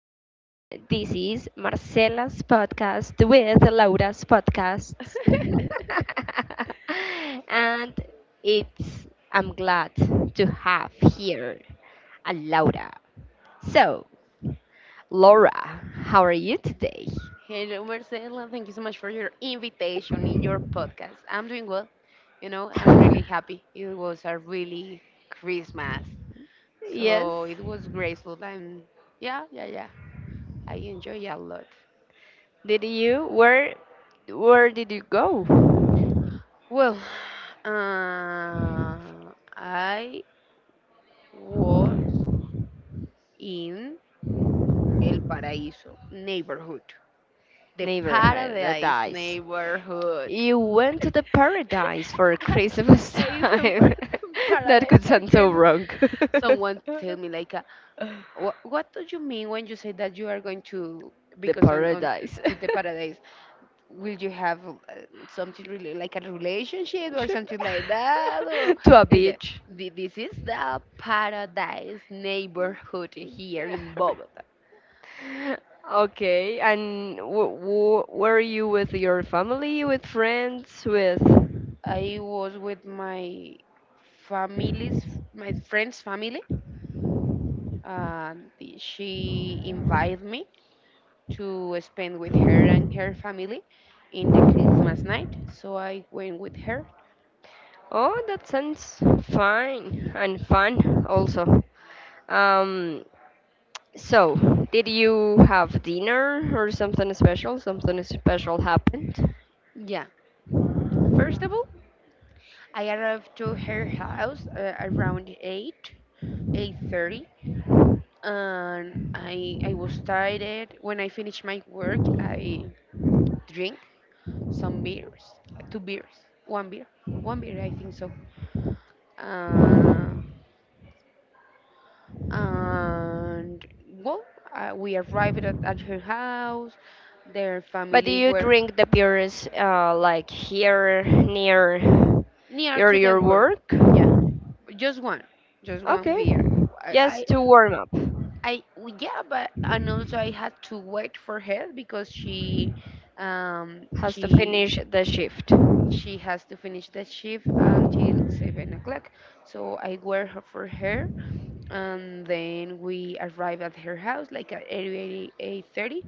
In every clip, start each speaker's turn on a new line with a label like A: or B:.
A: again, this is Marcela's podcast with Laura's podcasts. and it's, I'm glad to have here a Laura. So, Laura, how are you today?
B: Hello, Marcela. Thank you so much for your invitation in your podcast. I'm doing well. You know, I'm really happy. It was a really Christmas.
A: Yes,
B: So it was graceful. And yeah, yeah, yeah. I enjoy a lot.
A: did you, where, where did you go?
B: Well, uh, I was in El Paraíso neighborhood, the
A: Neighborhood that
B: paradise
A: dies.
B: neighborhood.
A: You went to the paradise for Christmas
B: I went for
A: time. That
B: paradise
A: could
B: for
A: sound so
B: Christmas.
A: wrong.
B: Someone tell me like what do you mean when you say that you are going to
A: The
B: because on
A: paradise.
B: to the paradise will you have something really like a relationship or
A: Ship.
B: something like that or,
A: To a
B: and yeah,
A: beach.
B: this is the paradise neighborhood here in Bogota.
A: Okay, and were you with your family, with friends, with.
B: I was with my family's my friend's family and she invited me to spend with her and her family in the Christmas night. So I went with her.
A: Oh, that sounds fine and fun also. Um, so, did you have dinner or something special? Something special happened?
B: Yeah. First of all, I arrived to her house around 8, 8:30 and I was tired. When I finished my work, I drink some beers, two beers, one beer, I think so. Uh, and well, we arrived at her house. Their
A: But do
B: family
A: you
B: were
A: drink the beers like here near
B: near
A: your
B: to the work.
A: work?
B: Yeah, just one, just one
A: Okay,
B: beer. I, I,
A: just to warm up.
B: yeah, but and also I had to wait for her because she, um,
A: Has to
B: she
A: finish the shift.
B: she has to finish the shift until 7 o'clock. So I wait for her, and then we arrive at her house like at 8:30.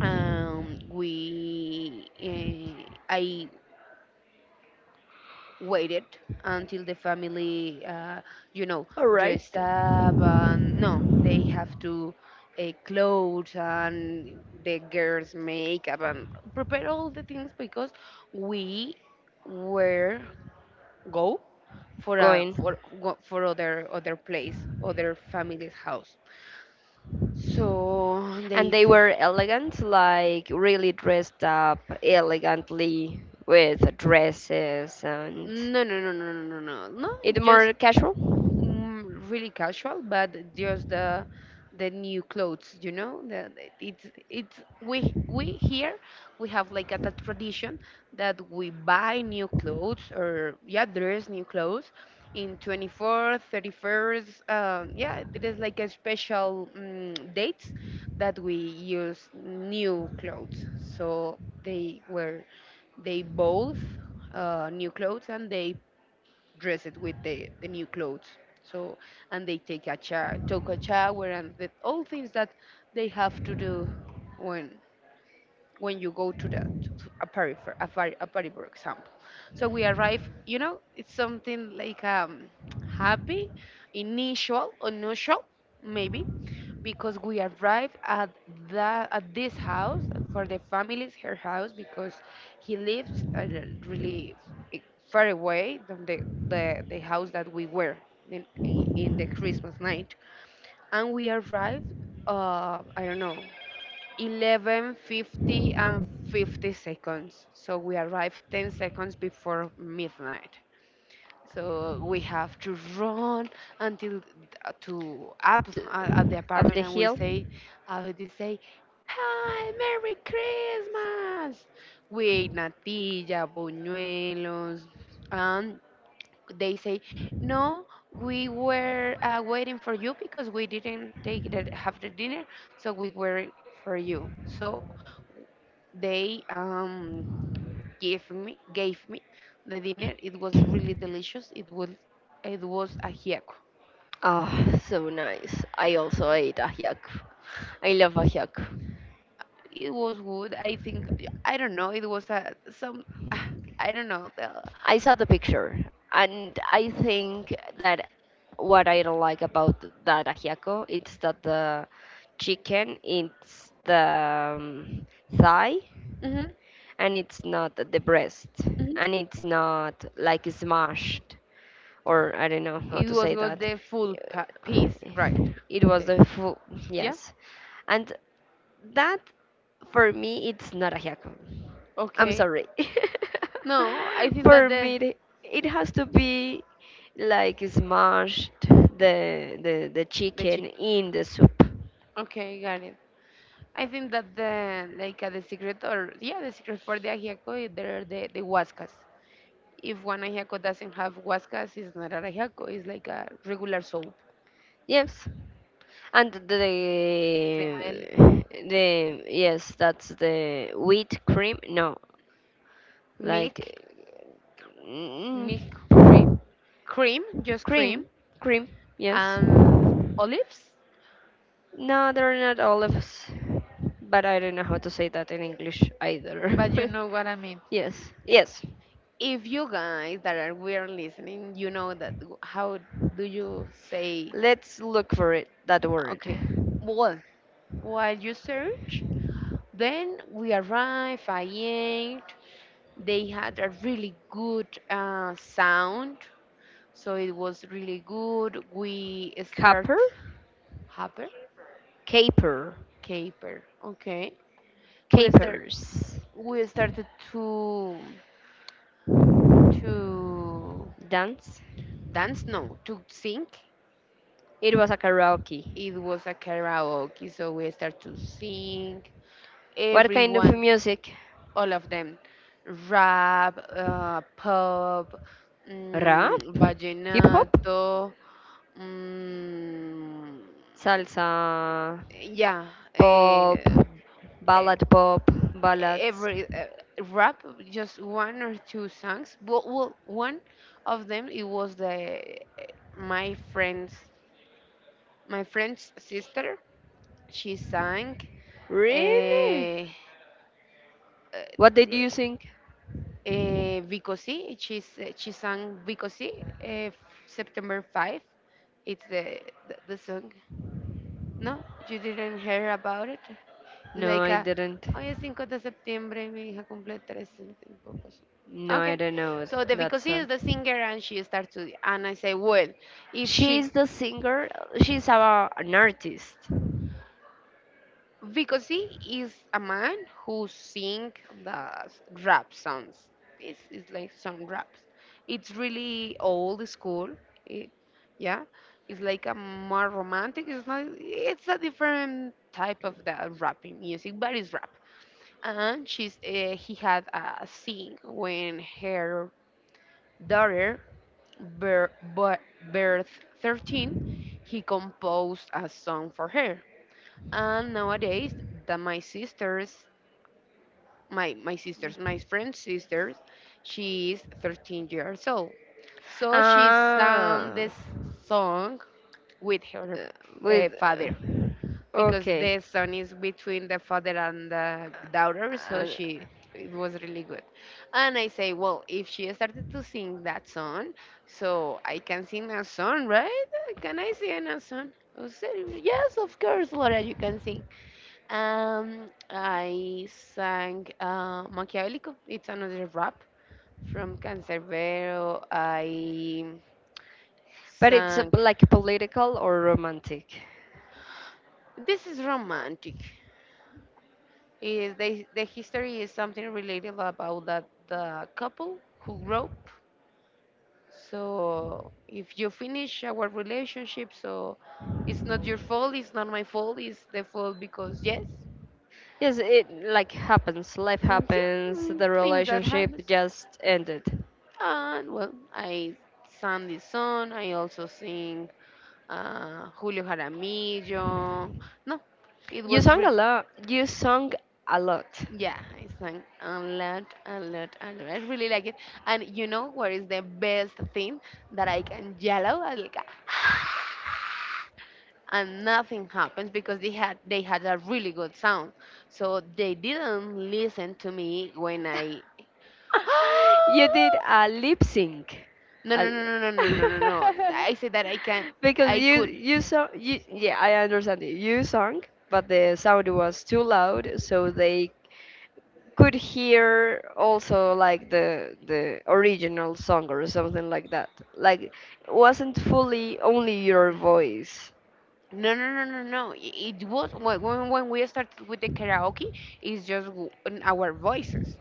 B: Um, we, uh, I waited until the family, you know, dressed
A: Arrived.
B: up. And no, they have to clothes and the girls' makeup and prepare all the things because we were go for a
A: Going.
B: for other place, other family's house. So
A: And
B: they
A: they
B: feel
A: were elegant, like really dressed up elegantly with dresses and
B: no, no, no, no, no, no, no, no.
A: it
B: Just
A: more casual.
B: really casual, but just the new clothes. It's we here we have like a tradition that we buy new clothes or yeah, dress new clothes in 24th, 31st. Yeah, it is like a special dates that we use new clothes. So they both new clothes and they dressed with the new clothes. So, and they take a shower, took a shower, and all things that they have to do when when you go to the a party a party, for example. So we arrive, it's something like happy, initial, unusual, maybe, because we arrived at the at this house for the family's her house because he lives really f- far away from the house that we were in the Christmas night, and we arrived. I don't know, 11:50 and 50 seconds. So we arrived 10 seconds before midnight. So we have to run until to up
A: T-
B: at the
A: Up
B: apartment
A: the
B: and
A: hill.
B: they say, Hi, Merry Christmas! We ate natilla, buñuelos, and they say, No, we were waiting for you because we didn't take have the dinner, so we were for you. So they gave me the dinner. It was really delicious. It was a ajiaco.
A: Oh, so nice. I also ate ajiac. I love ajiac.
B: It was good. I think I don't know. It was a some I don't know.
A: I saw the picture, and I think that what I don't like about that ajiaco it's that the chicken it's the thigh,
B: Mhm,
A: and it's not depressed,
B: mhm.
A: and it's not like smashed, or I don't know how
B: It
A: to
B: was
A: say
B: got
A: that.
B: the full piece, right?
A: It was
B: The,
A: the full
B: yeah.
A: yes, and that for me it's not a haiku. I'm
B: Okay.
A: sorry.
B: No, I think that
A: For me, it has to be like smashed the
B: the chi-
A: chicken in the soup.
B: Okay, got it. I think that the like the secret or yeah the secret for the ajiaco they're the huascas. If one ajiaco doesn't have huascas, it's not an ajiaco. It's like a regular soap.
A: Yes. And
B: Crema del
A: the yes, that's the wheat cream. No, like
B: milk, milk
A: mm,
B: cream, cream, just cream,
A: cream, cream. Yes.
B: and
A: No,
B: olives.
A: they're not olives, but I don't know how to say that in English
B: But you
A: either.
B: know what I mean.
A: Yes, yes.
B: If you guys that are weird listening, you know that how do you say
A: Let's look for it. That word.
B: okay? Well, while you search, then we arrive. I ate. They had a really good sound. So it was really good. We start
A: Caper,
B: hopper,
A: caper,
B: Caper. Okay. We start
A: capers.
B: we started to
A: Dance.
B: dance, no, to sing.
A: It was like a karaoke.
B: It was a karaoke, so we start to sing.
A: What kind of
B: Everyone,
A: music?
B: all of them, rap, pop,
A: Rap? Hip hop?
B: vallenato, mm,
A: Salsa?
B: yeah,
A: Pop?
B: eh, eh,
A: Ballad pop? Ballads?
B: every rap just one or two songs well, one of them it was the my friend's my friend's sister she sang
A: Really?
B: uh,
A: What did
B: uh,
A: you sing?
B: Vicosi. She sang Vicosi uh, September 5. It's the song. No, you didn't hear about it.
A: No,
B: Like,
A: I didn't.
B: hoy es 5 de septiembre, mi hija cumple 13, no tengo poco.
A: No, I
B: Okay,
A: don't know it,
B: so the
A: that
B: because he is
A: song.
B: the singer and she starts to, and I say, well, if she,
A: She's the singer. She's our an artist.
B: because he is a man who sing the rap songs. This is like some raps. It's really old school. It, yeah, it's like a more romantic. It's not. It's a different type of the rapping music, but it's rap. And she's He had a scene when her daughter bir- bir- birth 13 he composed a song for her and nowadays that my friend's sisters she is 13 years old so she sang
A: Ah,
B: this song with her
A: uh, with
B: father because the
A: okay.
B: son is between the father and the daughter,
A: Uh,
B: so
A: uh,
B: she it was really good. And I say, well, if she started to sing that song, so I can sing a song, right? Can I sing a song? I said, yes, of course, Laura, you can sing. I sang Machiavellico. It's another rap from Cancerbero. I
A: But it's a,
B: sang.
A: like political or romantic.
B: This is romantic. Is they The history is something related about that the couple who grow. So if you finish our relationship, so it's not your fault. It's not my fault. It's the fault because yes,
A: Yes, it like happens. Life
B: yeah,
A: happens. The
B: things that
A: relationship
B: happens.
A: just ended.
B: And well, I sang this song. I also sing Julio Jaramillo. No, it
A: You
B: was
A: sang a
B: real.
A: lot. You sung a lot.
B: Yeah, I sang a lot, a lot, a lot. I really like it. And you know what is the best thing that I can yellow? I like, and nothing happens because they had a really good sound. So they didn't listen to me when I.
A: You did a lip sync.
B: No, no,
A: A-
B: no, no, no, no, no, no, no. I said that I can,
A: Because
B: I
A: you
B: could.
A: sung you, yeah, I understand it. You sung, but the sound was too loud, so they could hear also like the original song or something like that. Like it wasn't fully only your voice.
B: No, no, no, no, no. It was when we started with the karaoke. It's just our voices.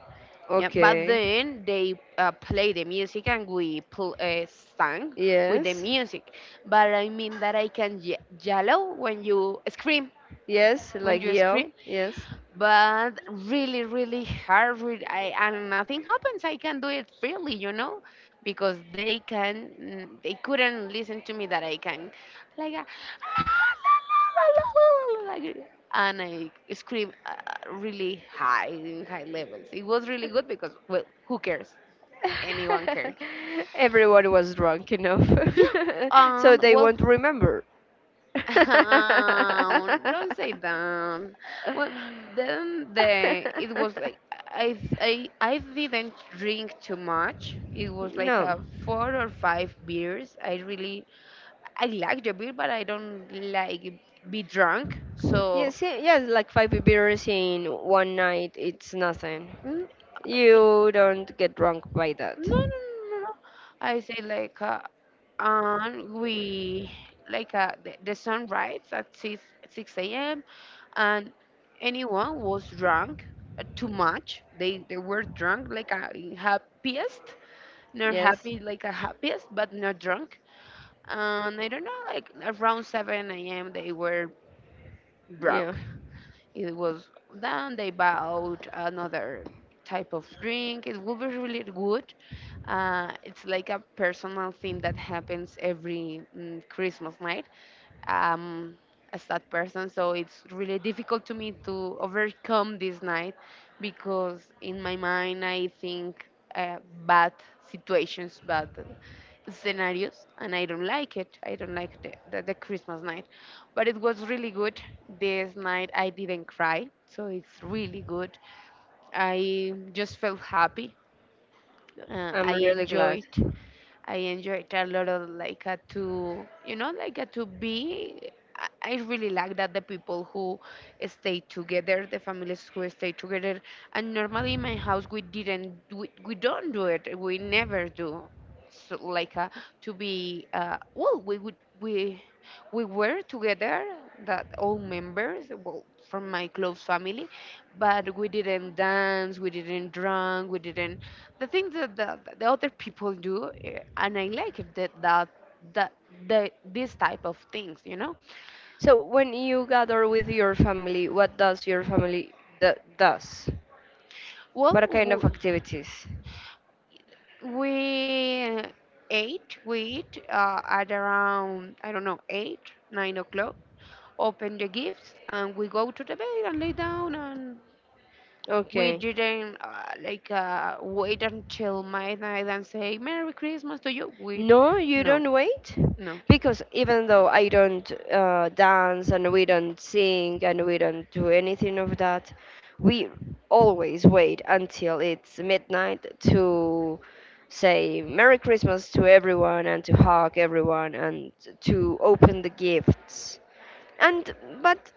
B: Yeah, but
A: Okay.
B: then they play the music and we sang with the
A: Yes.
B: music. But I mean that I can yellow
A: Yes,
B: when
A: like
B: you
A: yeah,
B: scream
A: yes.
B: but really really hard I, and nothing happens. I can do it freely because they couldn't listen to me that I can like like, and I scream really high in high levels. It was really good because well who cares anyone cares
A: Everyone was drunk enough.
B: yeah
A: So
B: and
A: they
B: well
A: won't remember.
B: Down. Don't say down. Well, then the it was like I didn't drink too much. It was like
A: No.
B: a four or five beers. I really I like the beer, but I don't like be drunk. So
A: Yes, like five beers in one night, it's nothing.
B: mm,
A: You don't get drunk by that.
B: no, no, no, no. No. I say like and we like the sun rises at 6 6 a.m. and anyone was drunk too much. They were drunk like happiest, not
A: Yes?
B: happy like a happiest, but not drunk. And I don't know, like around 7 a.m. they were
A: Yeah.
B: broke. It was done. They bought another type of drink. It would be really good. It's like a personal thing that happens every Christmas night um, a sad person, so it's really difficult to me to overcome this night because in my mind I think uh, bad situations, bad scenarios, and I don't like it. I don't like the Christmas night, but it was really good. This night I didn't cry, so it's really good. I just felt happy. Uh,
A: I'm
B: I
A: really glad.
B: enjoyed I enjoyed a lot of like a to like a to be. I really like that the people who stay together, the families who stay together, and normally in my house we don't do it. We never do so like to be well we were together that all members well from my close family but we didn't dance we didn't drink we didn't the things that the other people do and I like it that that that the this type of things you know.
A: So when you gather with your family, what does your family d does?
B: Well,
A: What kind of activities?
B: we we eat at around I don't know 8 9 o'clock, open the gifts and we go to the bed and lay down, and we
A: Okay.
B: didn't like wait until midnight and say Merry Christmas to you, we
A: No, you
B: no,
A: don't wait?
B: no,
A: Because even though I don't dance and we don't sing and we don't do anything of that, we always wait until it's midnight to say Merry Christmas to everyone and to hug everyone and to open the gifts. And, but,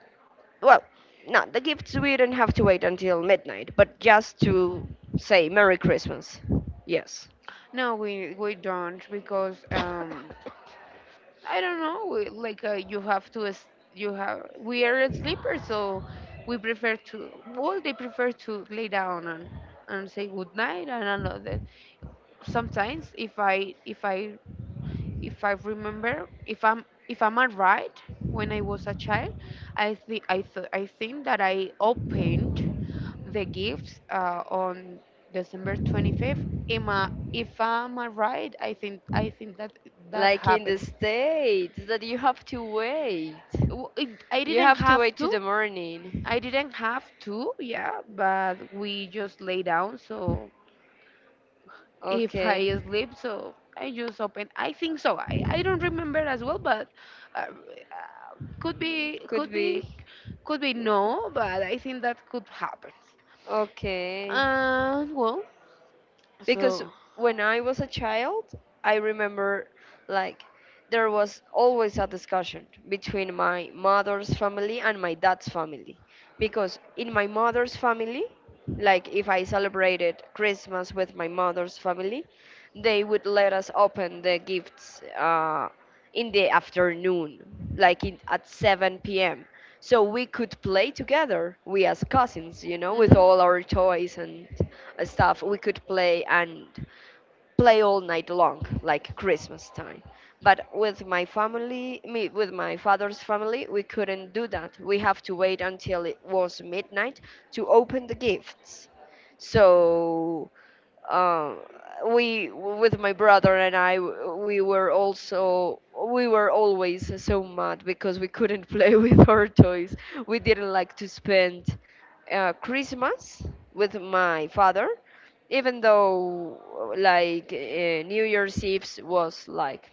A: well, not the gifts, we don't have to wait until midnight, but just to say Merry Christmas. Yes.
B: no, we, we don't because I don't know. Like you have to, you have. We are a sleeper, so we prefer to. Well, they prefer to lay down and say good night and another. Sometimes, if I remember, if I'm right, when I was a child, I think I think that I opened the gifts on December 25th. Am I, if I'm right, I think that that
A: Like in the
B: happens.
A: States, that you have to wait.
B: I
A: You
B: didn't
A: have to
B: have
A: wait to
B: to.
A: the
B: I
A: morning.
B: didn't have to, yeah, but we just lay down. So if I
A: Okay.
B: sleep, so I just open. I think so. I don't remember as well, but could be
A: Could be.
B: could be no, but I think that could happen.
A: Okay.
B: Uh, well,
A: Because
B: so.
A: when I was a child, I remember like there was always a discussion between my mother's family and my dad's family because in my mother's family, like if I celebrated Christmas with my mother's family, they would let us open the gifts in the afternoon, like in, at 7 p.m. So we could play together, we as cousins, you know, with
B: Mhm.
A: all our toys and stuff. We could play and play all night long, like Christmas time. But with my family, me, with my father's family, we couldn't do that. We have to wait until it was midnight to open the gifts. So um, we with my brother and I we were also we were always so mad because we couldn't play with our toys. We didn't like to spend Christmas with my father, even though like New Year's Eve was like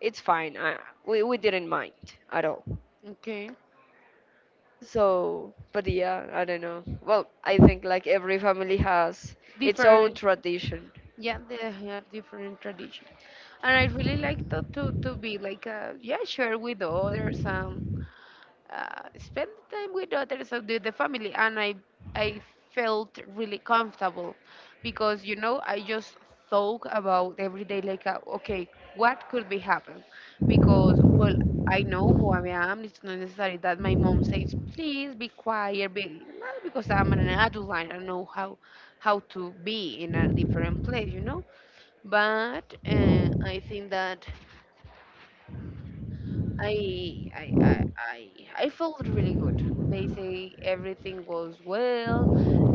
A: it's fine. I, we didn't mind at all.
B: Okay.
A: So, but yeah, I don't know. Well, I think like every family has its own
B: Different.
A: tradition.
B: Yeah, they have different tradition, and I really like to be like yeah, share with others and spend the time with others of with the family. And I felt really comfortable because you know I just thought about every day like okay, what could be happen? Because well, I know who I am. It's not necessary that my mom says please be quiet, be well, because I'm an adult. I don't know how to be in a different place, you know, but I think that I I, I I I felt really good. They say everything goes well.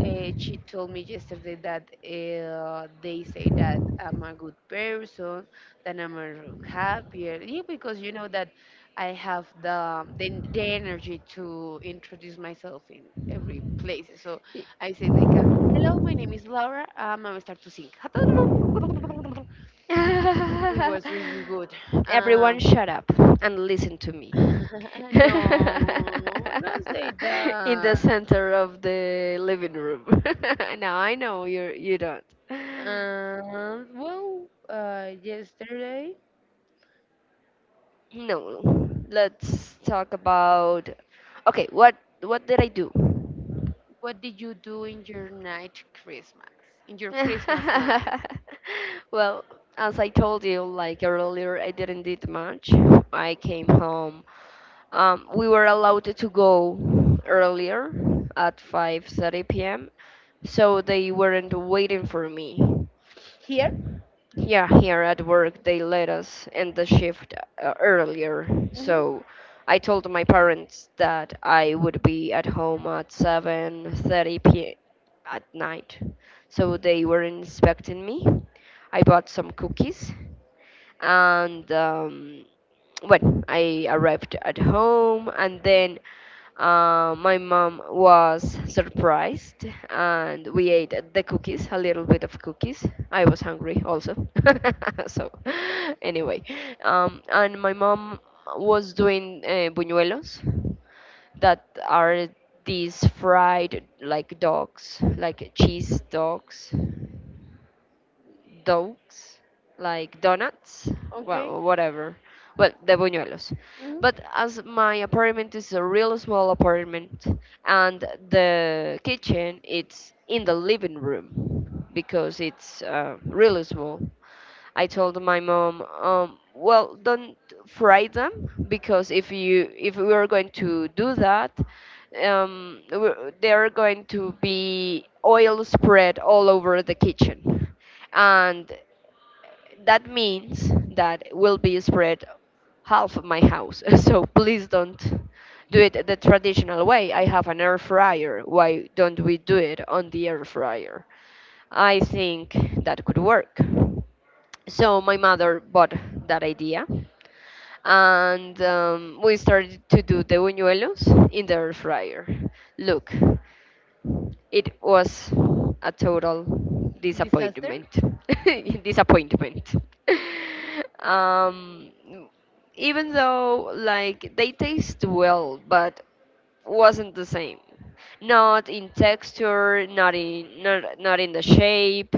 B: She told me yesterday that they say that I'm a good person, that I'm a happier. Yeah, because you know that I have the energy to introduce myself in every place. So I say like, "Hello, my name is Laura. I will start to sing." It was really good. Uh,
A: Everyone shut up and listen to me.
B: no, don't say
A: In the
B: that.
A: center of the living room. Now I know you don't.
B: Yesterday,
A: No. Let's talk about okay, what did I do?
B: what did you do in your night Christmas? In your Christmas night?
A: Well, as I told you, like earlier, I didn't did much. I came home. We were allowed to go earlier at 5:30 p.m., so they weren't waiting for me.
B: Here?
A: Yeah, here at work they let us end the shift earlier,
B: Mm-hmm.
A: so I told my parents that I would be at home at 7:30 p.m. at night. So they were inspecting me. I bought some cookies and well, I arrived at home, and then my mom was surprised, and we ate the cookies, a little bit of cookies. I was hungry also, so anyway, and my mom was doing buñuelos that are these fried like dogs, like cheese dogs, like donuts,
B: Okay.
A: well, whatever. Well, the buñuelos.
B: Mm-hmm.
A: But as my apartment is a real small apartment, and the kitchen it's in the living room because it's really small. I told my mom, well, don't fry them because if you if we are going to do that, there are going to be oil spread all over the kitchen, and that means that will be spread half of my house. So please don't do it the traditional way. I have an air fryer. Why don't we do it on the air fryer? I think that could work. So my mother bought that idea, and we started to do the buñuelos in the air fryer. Look, it was a total
B: Disaster?
A: disappointment. Disappointment. um, Even though like they taste well, but wasn't the same. Not in texture, not in not in the shape,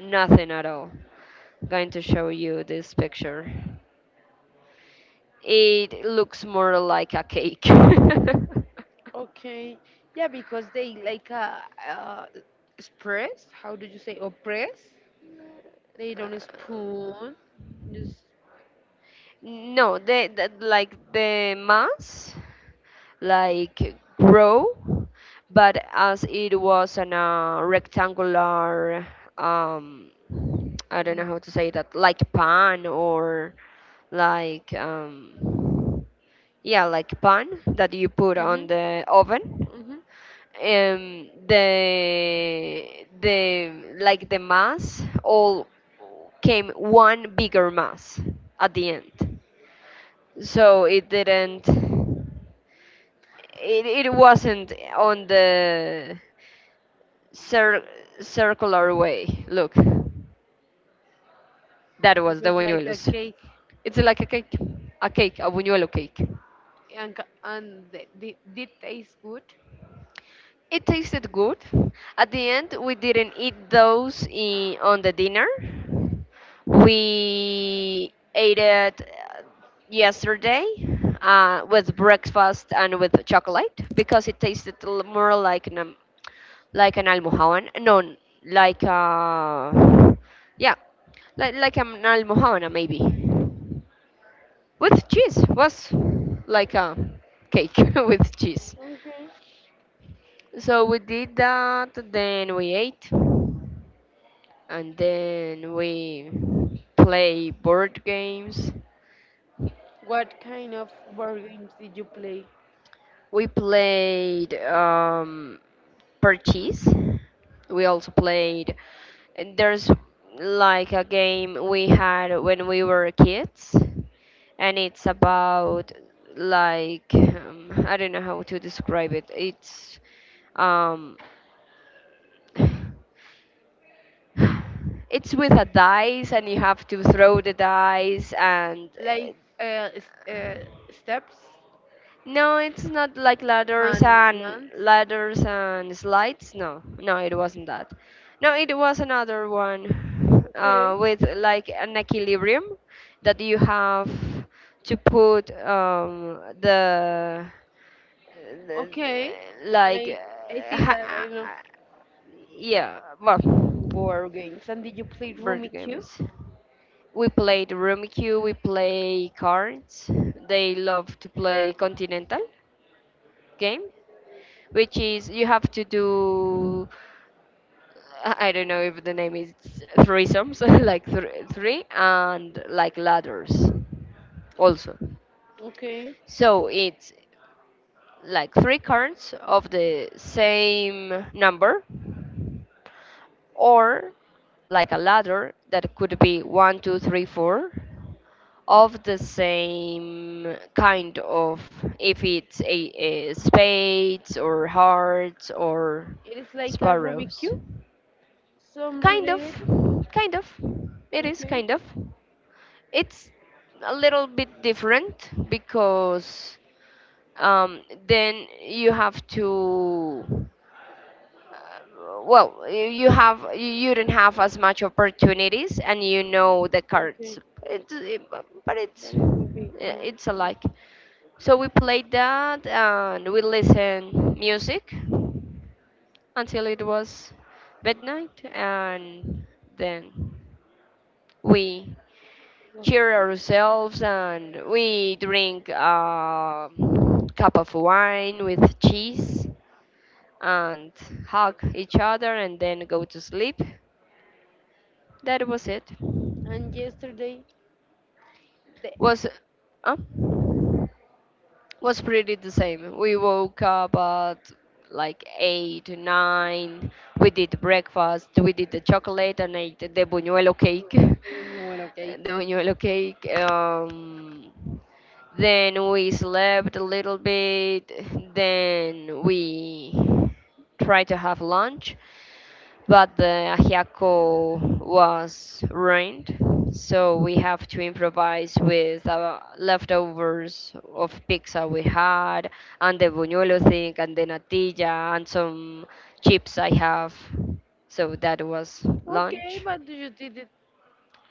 A: nothing at all. Going to show you this picture. It looks more like a cake.
B: Okay. Yeah, because they like uh express, how do you say, oppress? They don't spoon. Just.
A: No, the like the mass like grow, but as it was on a rectangular um I don't know how to say that like pan or like yeah like pan that you put
B: Mm-hmm.
A: on the oven.
B: Mm-hmm.
A: The like the mass all came one bigger mass at the end. So it didn't it, it wasn't on the cir- circular way. Look, that
B: It was
A: was the
B: really like a
A: buñuelos.
B: cake,
A: It's like a cake, a buñuelo cake.
B: and, and did taste good.
A: It tasted good. At the end, we didn't eat those in, on the dinner. We ate it yesterday with breakfast and with chocolate because it tasted l- more like an almohavan. No, n- like yeah, like an almohavan maybe with cheese. Was like a cake with cheese.
B: Okay.
A: So we did that, then we ate, and then we play board games.
B: What kind of board games did you play?
A: We played Purchase. We also played. And there's like a game we had when we were kids, and it's about like I don't know how to describe it. It's um, it's with a dice, and you have to throw the dice, and
B: Like uh, s- uh,
A: uh,
B: steps. No,
A: no, it's not like ladders
B: and
A: and
B: lands.
A: ladders and slides. No, no, it wasn't that. No, it was another one
B: Okay.
A: with like an equilibrium that you have to put the
B: Okay,
A: like
B: I I think that I know.
A: yeah, well,
B: Board games. And did you play
A: board
B: Rummy Cube?
A: games. We played Rummikub, we play cards. They love to play Continental game, which is you have to do I don't know if the name is threesomes, like three, and like ladders also.
B: Okay.
A: So it's like three cards of the same number, or like a ladder that could be one, two, three, four, of the same kind of if it's a spades or hearts or
B: It is like a Rubik's
A: sparrows
B: cube. Some
A: kind of
B: related?
A: kind of it is
B: Okay.
A: kind of it's a little bit different because um, then you have to well you have you don't have as much opportunities and you know the cards
B: Okay.
A: but it's
B: But it would be
A: yeah, it's
B: nice.
A: alike so we played that and we listened music until it was midnight and then we cheer ourselves and we drink a cup of wine with cheese and hug each other and then go to sleep. That was it.
B: And yesterday, the
A: Was uh, was pretty the same. We woke up at like eight, nine. We did breakfast. We did the chocolate and ate the buñuelo cake. The
B: the buñuelo cake.
A: buñuelo cake. Then we slept a little bit. Then we tried to have lunch, but the ajiaco was ruined. So we have to improvise with the leftovers of pizza we had, and the buñuelo thing, and the natilla, and some chips I have. So that was
B: Okay,
A: lunch.
B: but you did it.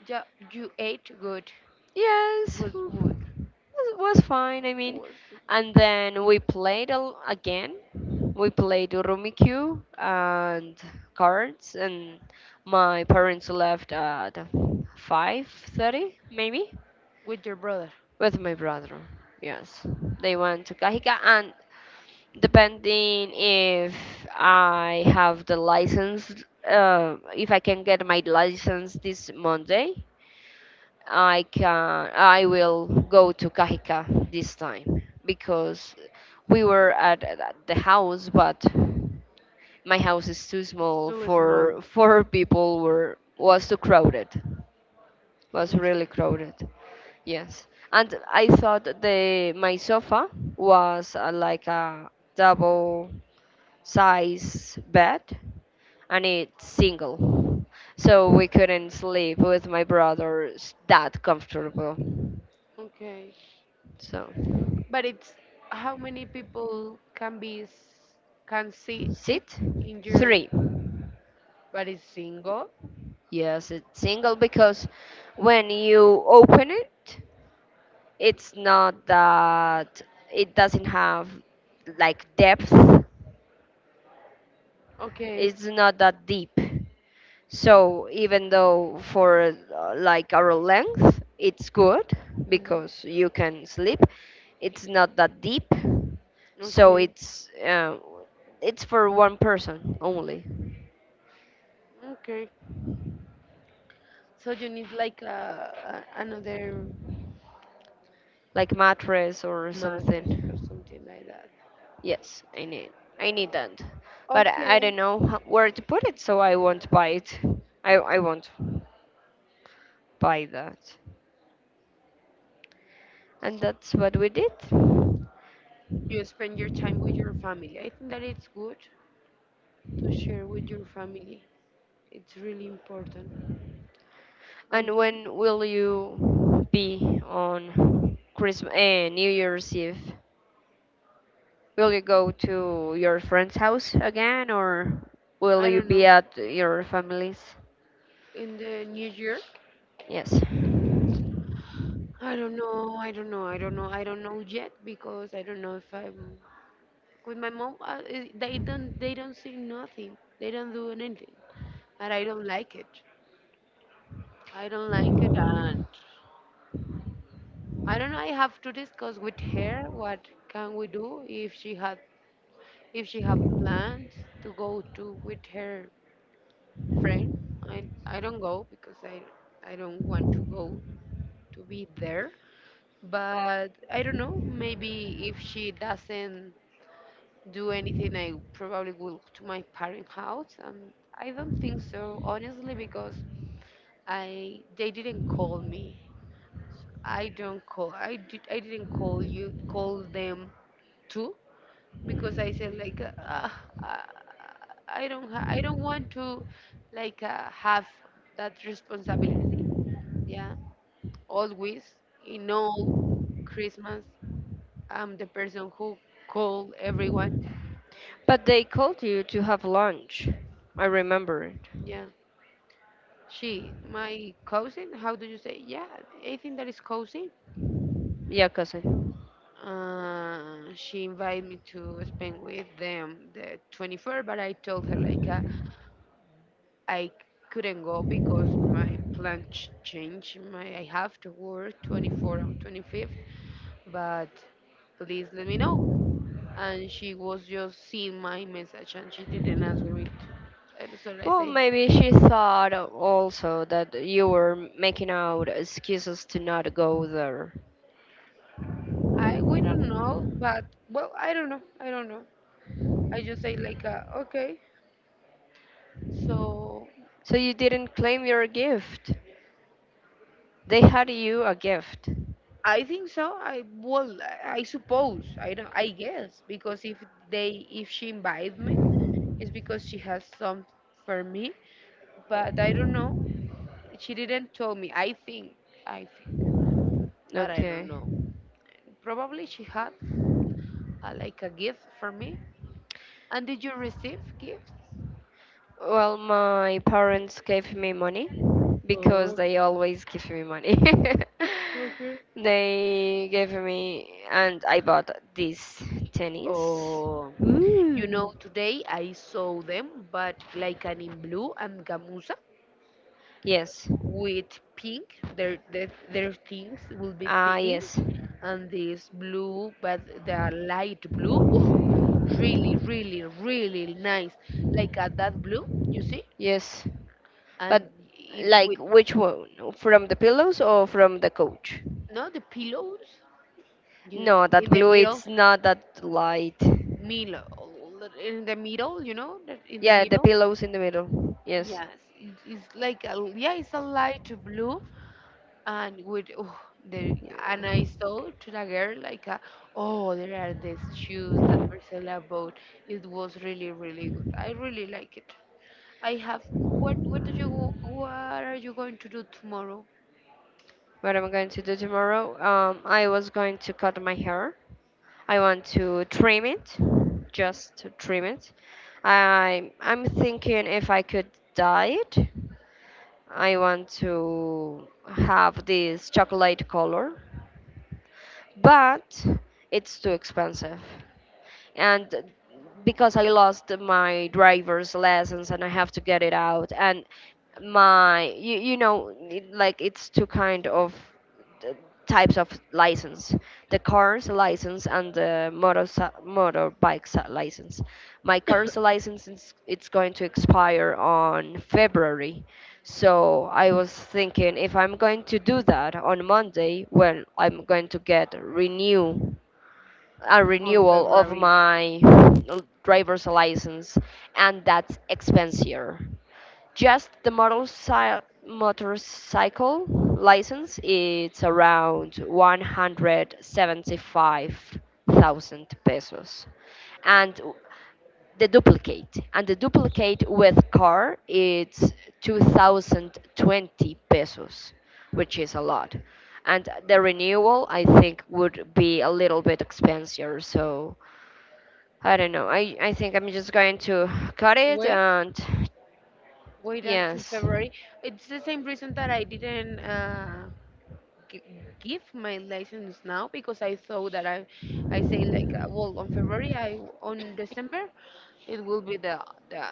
B: You ate good. It
A: Yes,
B: was
A: w-
B: good.
A: was fine. I mean,
B: Was
A: and then we played a, l- again. We played Rummikub and cards, and my parents left at 5:30, maybe,
B: with your brother.
A: with my brother. Yes, they went to Kahika, and depending if I have the license, if I can get my license this Monday, I will go to Cajicá this time because we were at the house, but my house is too small
B: So small.
A: for four people were was too crowded, was
B: Yes.
A: really crowded. Yes, and I thought the my sofa was like a double size bed, and it's single, so we couldn't sleep with my brothers that comfortable.
B: Okay.
A: So,
B: But it's how many people can be can see sit
A: seat
B: in your,
A: three.
B: but it's single.
A: Yes, it's single because when you open it, it's not that it doesn't have like depth,
B: Okay.
A: it's not that deep. So even though for like our length, it's good
B: Hmm.
A: because you can sleep. It's not that deep,
B: Okay.
A: so
B: Okay.
A: it's for one person only,
B: Okay, so you need like another.
A: like mattress or
B: Madres or
A: something.
B: something like that.
A: Yes, I need that, but I
B: Okay,
A: don't know where to put it, so I won't buy it. I won't buy that, and that's what we did.
B: you spend your time with your family. I think that it's good to share with your family. It's really important. And
A: And when will you be on Christmas, New Year's Eve? Will you go to your friend's house again or will
B: I
A: you
B: don't know,
A: be at your family's?
B: in the new year,
A: Yes.
B: I don't know, I don't know, I don't know, I don't know yet because I don't know if I'm with my mom. They don't, say nothing. They don't do anything, and I don't like it. I don't like it, and I don't know. I have to discuss with her what can we do if she has if she have plans to go to with her friend, I don't go because I don't want to go to be there. But I don't know. Maybe if she doesn't do anything, I probably will to my parent house. I don't think so, honestly, because I they didn't call me. I don't call. I did. I didn't call you. Call them too. Because I said like I don't ha- I don't want to like have that responsibility. Yeah, always in all Christmas, I'm the person who call everyone.
A: But they called you to have lunch. I remember it.
B: Yeah, she my cousin. How do you say? Yeah, I think that is cousin.
A: Yeah, cousin.
B: She invited me to spend with them the 24th, but I told her like I couldn't go because my plan changed. My I have to work 24th and 25th, but please let me know. And she was just seeing my message and she didn't answer me. To, and so I
A: Well,
B: say,
A: maybe she thought also that you were making out excuses to not go there.
B: I we don't know, but well, I don't know. I just say like, okay. So
A: So you didn't claim your gift. They had you a gift.
B: I think so. I suppose I don't. I guess because if they if she invited me, it's because she has some for me, but I don't know. She didn't tell me. I think, but I don't
A: Okay.
B: know. Probably she had like a gift for me. And did you receive gifts?
A: Well, my parents gave me money because
B: Oh,
A: they always give me money.
B: okay.
A: They gave me, and I bought this tennis.
B: Oh, you know, today I saw them, but like an in blue and gamuza
A: Yes.
B: with pink. Their things will be
A: Ah,
B: pink,
A: yes.
B: and this blue, but the light blue. Oh, really, really, really nice. Like a that blue, you see?
A: Yes. But
B: And it
A: like
B: with
A: which one? From the pillows or from the couch?
B: no the pillows you
A: No, that
B: in the
A: blue,
B: middle
A: it's not that light.
B: middle in the middle you know that in the
A: Yeah, the
B: middle.
A: pillows in the middle. Yes.
B: Yes, it's like a, yeah it's a light blue and with oh, the and I saw to the girl like a, oh there are these shoes that marcela bought it was really really good I really like it I have what do you what are you going to do tomorrow
A: What I'm going to do tomorrow. I was going to cut my hair. I want to trim it, just to trim it. I'm thinking if I could dye it. I want to have this chocolate color, but it's too expensive. And because I lost my driver's license and I have to get it out, and my, you, like it's two kind of uh, types of license, the car's license and the motorbike license. My car's license is, it's going to expire on February, so I was thinking if I'm going to do that on Monday. Well, I'm going to get renew a
B: on
A: renewal of
B: february
A: my driver's license, and that's expensier. Just the motorcycle license, it's around 175,000 pesos. And the duplicate with car, it's 2020 pesos, which is a lot. And the renewal I think would be a little bit expensive, so I don't know. I think I'm just going to cut it.
B: wait
A: And
B: wait until
A: yes,
B: February. It's the same reason that I didn't g- give my license now because I thought that I say like well on February I on December it will be the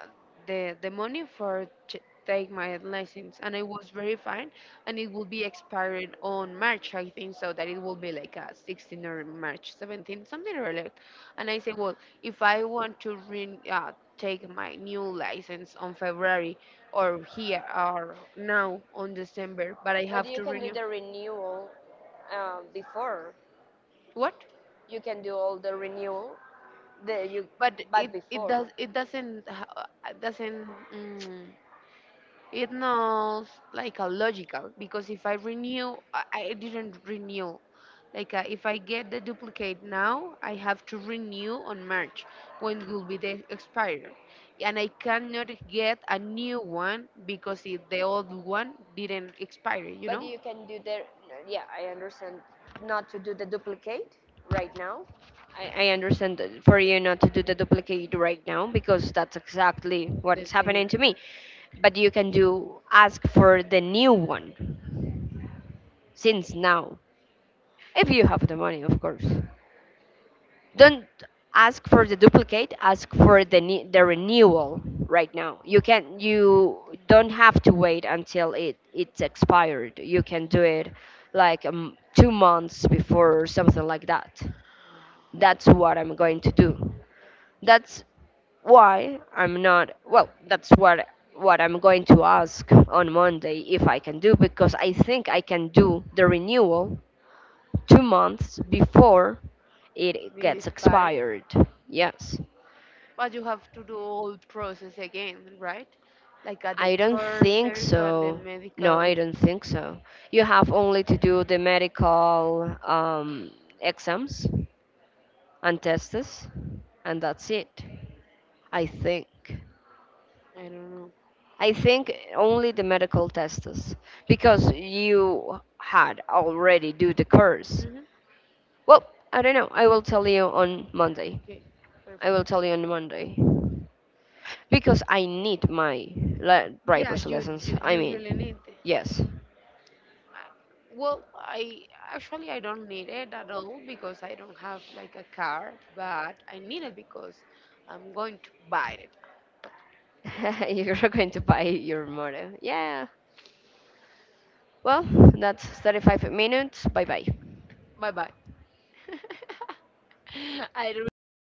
B: the money for take my license, and I was very fine, and it will be expired on March, I think, so that it will be like a 16th or March 17th, something related. And I say, well, if I want to take my new license on February or here or now on December, but I
A: but
B: have
A: you
B: to
A: can do
B: renew.
A: the renewal before.
B: What?
A: You can do all the renewal, the you
B: But
A: but
B: it
A: before.
B: does it doesn't. Mm, it's not like a logical because if I renew, I didn't renew. Like if I get the duplicate now, I have to renew on March when it will be the expired, and I cannot get a new one because it, the old one didn't expire. You
A: But
B: know,
A: you can do the, yeah, I understand, not to do the duplicate right now. I understand that for you not to do the duplicate right now because that's exactly
B: the
A: what's
B: same
A: happening to me, but you can do, ask for the new one since now. If you have the money, of course, don't ask for the duplicate, ask for the the renewal right now. You don't have to wait until it's expired. You can do it like 2 months before or something like that. That's what I'm going to do. That's why I'm not, well, that's what I'm going to ask on Monday, if I can do, because I think I can do the renewal 2 months before it
B: it
A: gets
B: expires,
A: expired. Yes,
B: but you have to do all process again, right? Like at the
A: I don't think
B: courses and the
A: so. No,
B: medical.
A: I don't think so. You have only to do the medical exams and tests, and that's it. I think.
B: I don't know.
A: I think only the medical tests because you had already do the course.
B: Hmm.
A: Well, I don't know. I will tell you on Monday.
B: Okay,
A: I
B: perfect.
A: will tell you on Monday because I need my
B: Yeah,
A: driver's
B: right.
A: lessons. I
B: You really
A: mean,
B: need it.
A: yes.
B: Well, I actually I don't need it at all because I don't have like a car, but I need it because I'm going to buy it.
A: You're going to buy your mother. Yeah. Well, that's 35 minutes. Bye bye.
B: Bye bye. I really like